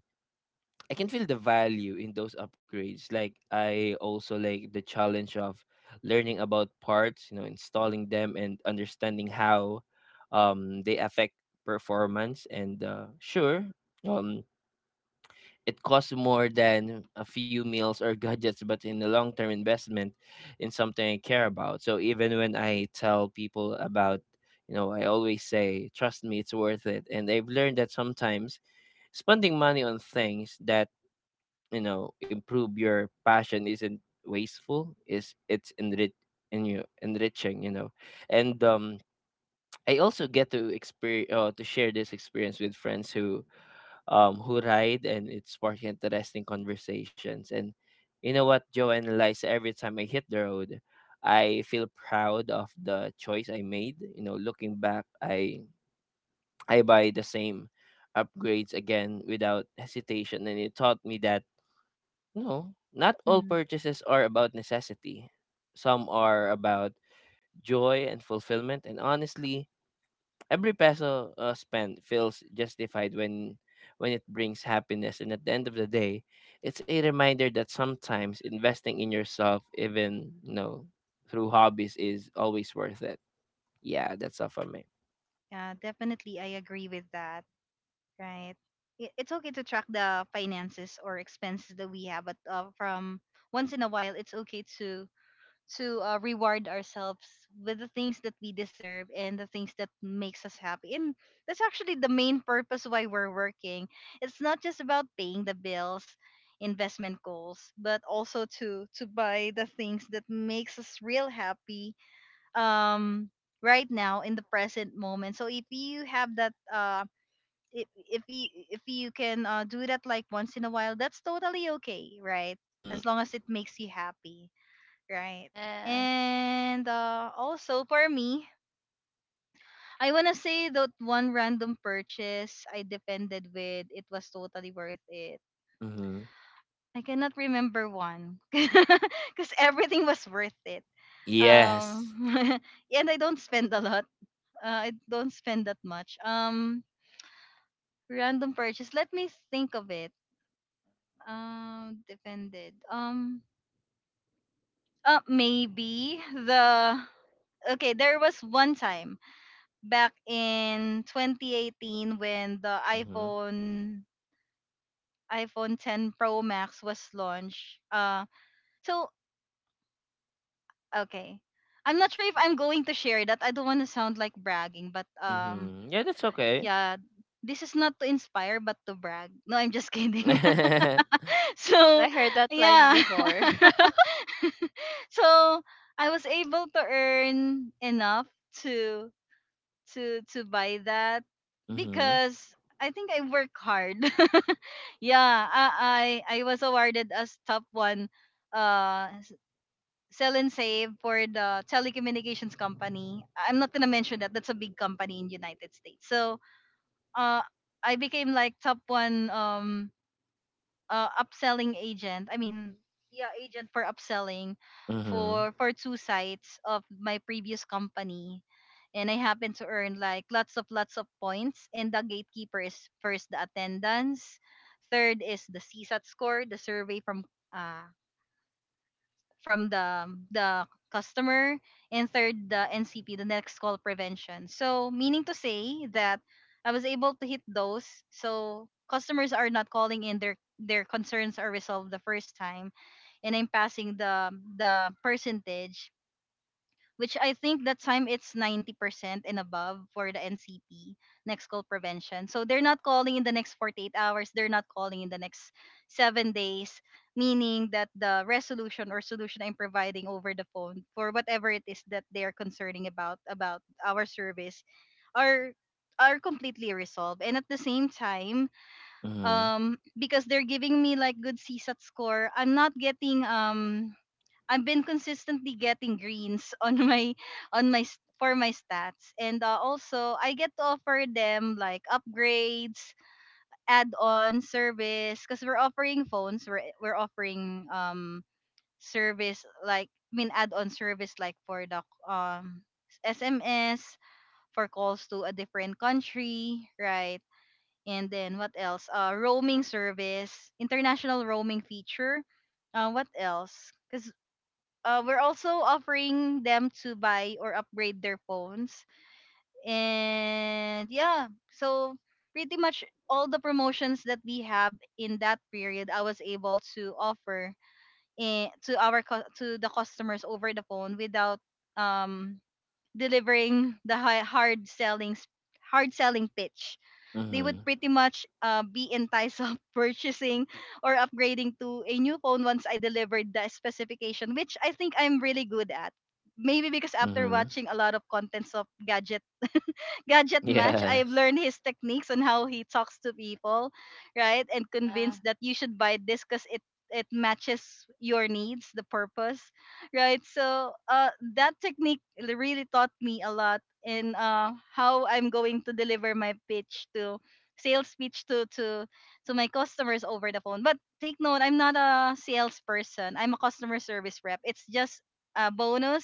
C: I can feel the value in those upgrades. Like I also like the challenge of learning about parts, you know, installing them and understanding how um they affect performance. And uh, sure, um, it costs more than a few meals or gadgets, but in the long term investment in something I care about. So even when I tell people about, you know, I always say, trust me, it's worth it. And I've learned that sometimes spending money on things that, you know, improve your passion isn't wasteful, is it's enrich in you enriching, you know. And um I also get to experience uh, to share this experience with friends who um, who ride, and it sparked interesting conversations. And you know what, Joe and Eliza, every time I hit the road, I feel proud of the choice I made. You know, looking back, I I buy the same upgrades again without hesitation, and it taught me that no, not all
A: Hmm.
C: purchases are about necessity. Some are about joy and fulfillment, and honestly, every peso uh, spent feels justified when when it brings happiness, and at the end of the day it's a reminder that sometimes investing in yourself even you know through hobbies is always worth it. Yeah, that's all for me.
A: Yeah, definitely. I agree with that. Right. I- It's okay to track the finances or expenses that we have, but uh, from once in a while, it's okay to to uh, reward ourselves with the things that we deserve and the things that makes us happy. And that's actually the main purpose why we're working. It's not just about paying the bills, investment goals, but also to to buy the things that makes us real happy um right now in the present moment. So if you have that, uh if if you if you can uh, do that like once in a while, that's totally okay, right?
C: Mm-hmm,
A: As long as it makes you happy, right?
B: yeah.
A: And uh, also for me, I want to say that one random purchase I defended with, it was totally worth it.
C: mm-hmm.
A: I cannot remember one because everything was worth it. um
C: Yes.
A: and I don't spend a lot. Uh, I don't spend that much. Um, random purchase. Let me think of it. Um, depended. Um, uh, maybe the. Okay, there was one time back in twenty eighteen when the
C: Mm-hmm,
A: iPhone iPhone ten Pro Max was launched. Uh, so okay, I'm not sure if I'm going to share that. I don't want to sound like bragging, but um,
C: mm-hmm. Yeah, that's okay.
A: yeah, this is not to inspire but to brag. No, I'm just kidding.
C: Mm-hmm,
B: Oh my God,
A: So
B: I heard that line
A: yeah.
B: before.
A: So I was able to earn enough to to to buy that because I think I work hard. Yeah, i i, I was awarded as top one uh s- sell and save for the telecommunications company. I'm not gonna mention that. That's a big company in United States. So uh I became like top one um uh, upselling agent. I mean, yeah, agent for upselling
C: mm-hmm,
A: for for two sites of my previous company. And I happen to earn like lots of lots of points. And the gatekeeper is first the attendance, third is the C SAT score, the survey from uh, from the the customer, and third the NCP, the next call prevention. So meaning to say that I was able to hit those. So customers are not calling in, their their concerns are resolved the first time, and I'm passing the the percentage, which I think that time it's ninety percent and above for the N C P, next call prevention. So they're not calling in the next forty-eight hours, they're not calling in the next seven days, meaning that the resolution or solution I'm providing over the phone for whatever it is that they're concerning about about our service are are completely resolved. And at the same time,
C: mm-hmm,
A: um because they're giving me like good CSAT score, I'm not getting um I've been consistently getting greens on my on my s- for my stats. And uh, also I get to offer them like upgrades, add-on service because we're offering phones, we're we're offering um service like, I mean, add-on service like for the um S M S, for calls to a different country, right? And then what else? Uh roaming service, international roaming feature. Uh, what else? Because uh, we're also offering them to buy or upgrade their phones. And yeah, so pretty much all the promotions that we have in that period, I was able to offer eh, to our cu- to the customers over the phone without um delivering the hi- hard selling s- hard selling pitch. They
C: mm-hmm.
A: would pretty much uh, be enticed of purchasing or upgrading to a new phone once I delivered the specification, which I think I'm really good at. Maybe because after watching a lot of contents of gadget gadget match,
C: Yeah.
A: I've learned his techniques on how he talks to people, right? And
B: Yeah.
A: convinced that you should buy this because it it matches your needs, the purpose, right? So uh, that technique l- really taught me a lot in uh, how I'm going to deliver my pitch to sales pitch to to to my customers over the phone. But take note, I'm not a salesperson. I'm a customer service rep. It's just a bonus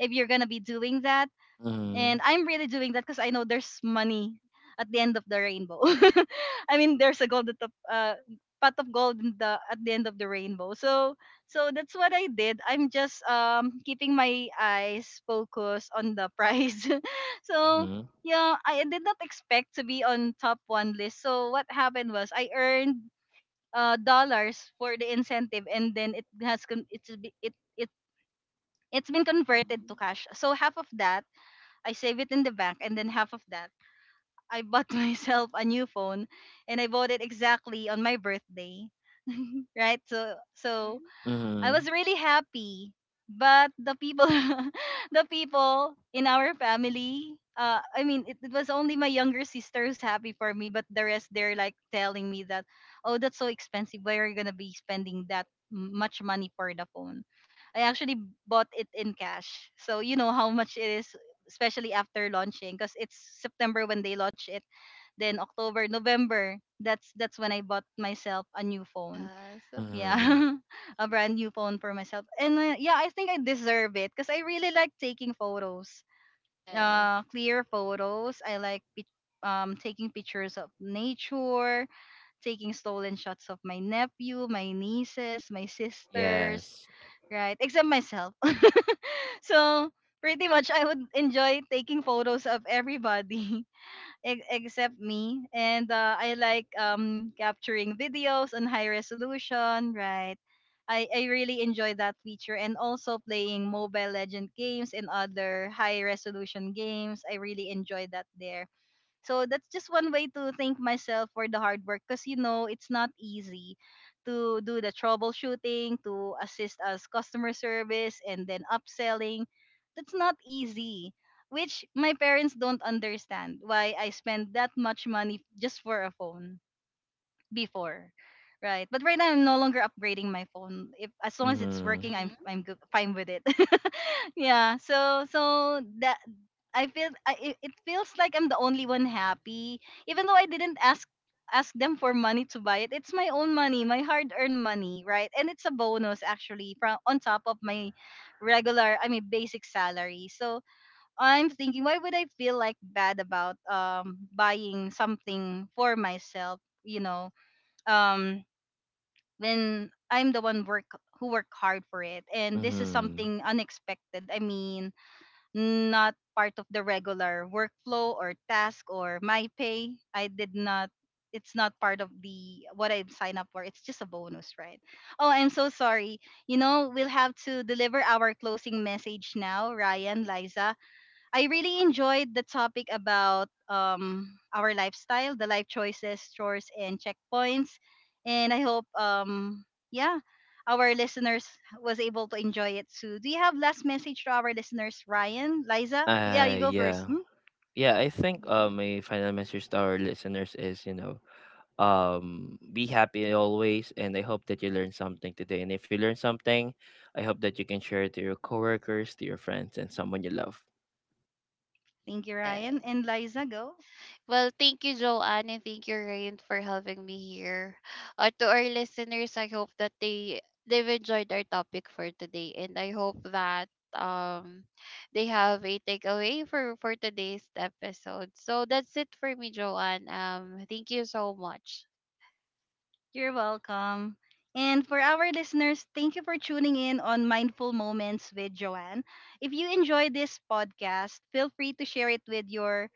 A: if you're gonna be doing that.
C: Mm-hmm.
A: And I'm
C: Yes.
A: really doing that because I know there's money at the end of the rainbow. I mean, there's a gold at the uh, pot of gold in the, at the end of the rainbow. So so that's what I did. I'm just um keeping my eyes focused on the prize.
C: Mm-hmm,
A: So
C: mm-hmm,
A: yeah, I did not expect to be on top one list. So what happened was I earned uh dollars for the incentive, and then it has con- it's be- it it it's been converted
B: Mm-hmm.
A: to cash. So half of that I save it in the bank, and then half of that, I bought myself a new phone, and I bought it exactly on my birthday, right? So so
B: Mm-hmm.
A: I was really happy. But the people, the people in our family, uh, I mean, it, it was only my younger sister who's happy for me, but the rest they're like telling me that, oh, that's so expensive. Why are you gonna be spending that m- much money for the phone? I actually bought it in cash, so you know how much it is, especially after launching, because it's September when they launch it, then October, November. That's that's when I bought myself a new phone.
B: Yes. So,
A: Yeah,
C: mm-hmm.
A: a brand new phone for myself. And uh, yeah, I think I deserve it because I really like taking photos,
B: yes.
A: uh clear photos. I like pic- um taking pictures of nature, taking stolen shots of my nephew, my nieces, my sisters,
C: Yes.
A: right, except myself. So pretty much I would enjoy taking photos of everybody, e- except me. And uh, I like um, capturing videos on high resolution, right? I, I really enjoy that feature, and also playing mobile legend games and other high resolution games. I really enjoy that there. So that's just one way to thank myself for the hard work, because you know it's not easy to do the troubleshooting, to assist as customer service, and then upselling. That's not easy, which my parents don't understand why I spend that much money just for a phone before. Right. But right now I'm no longer upgrading my phone. If as long as it's
C: Mm-hmm.
A: working, I'm
B: Mm-hmm.
A: I'm good, fine with it. Yeah. So so that I feel I, it it feels like I'm the only one happy, even though I didn't ask ask them for money to buy it. It's my own money, my hard-earned money, right? And it's a bonus actually from on top of my regular, I mean, basic salary. So I'm thinking, why would I feel like bad about um buying something for myself? You know, um, when I'm the one work who work hard for it, and this is
C: Mhm.
A: something unexpected. I mean, not part of the regular workflow or task or my pay. I did not, it's not part of the what I've signed up for. It's just a bonus, right? Oh, I'm so sorry. You know, we'll have to deliver our closing message now, Ryan, Liza. I really enjoyed the topic about um, our lifestyle, the life choices, chores, and checkpoints. And I hope, um, yeah, our listeners was able to enjoy it too. Do you have last message to our listeners, Ryan, Liza? Yeah,
C: Uh
A: you go first.
C: yeah.
A: Hmm?
C: Yeah, I think uh
B: Mm-hmm.
C: my final message to our listeners is, you know, um be happy always, and I hope that you learned something today. And if you learned something, I hope that you can share it to your coworkers, to your friends and someone you love.
A: Thank you,
B: Yeah.
A: Ryan and Liza. Go.
B: Well, thank you, Joanne, and thank you, Ryan, for having me here. Uh, to our listeners, I hope that they they've enjoyed our topic for today, and I hope that um they have a takeaway for for today's episode. So that's it for me, Joanne. Um, thank you so much.
A: You're welcome. And for our listeners, thank you for tuning in on Mindful Moments with Joanne. If you enjoyed this podcast, feel free to share it with your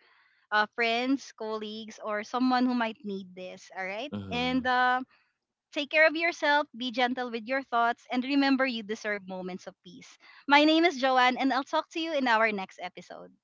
A: uh, friends, colleagues, or someone who might need this. All right. And
C: Mhm.
A: uh, take care of yourself, be gentle with your thoughts, and remember you deserve moments of peace. My name is Joanne, and I'll talk to you in our next episode.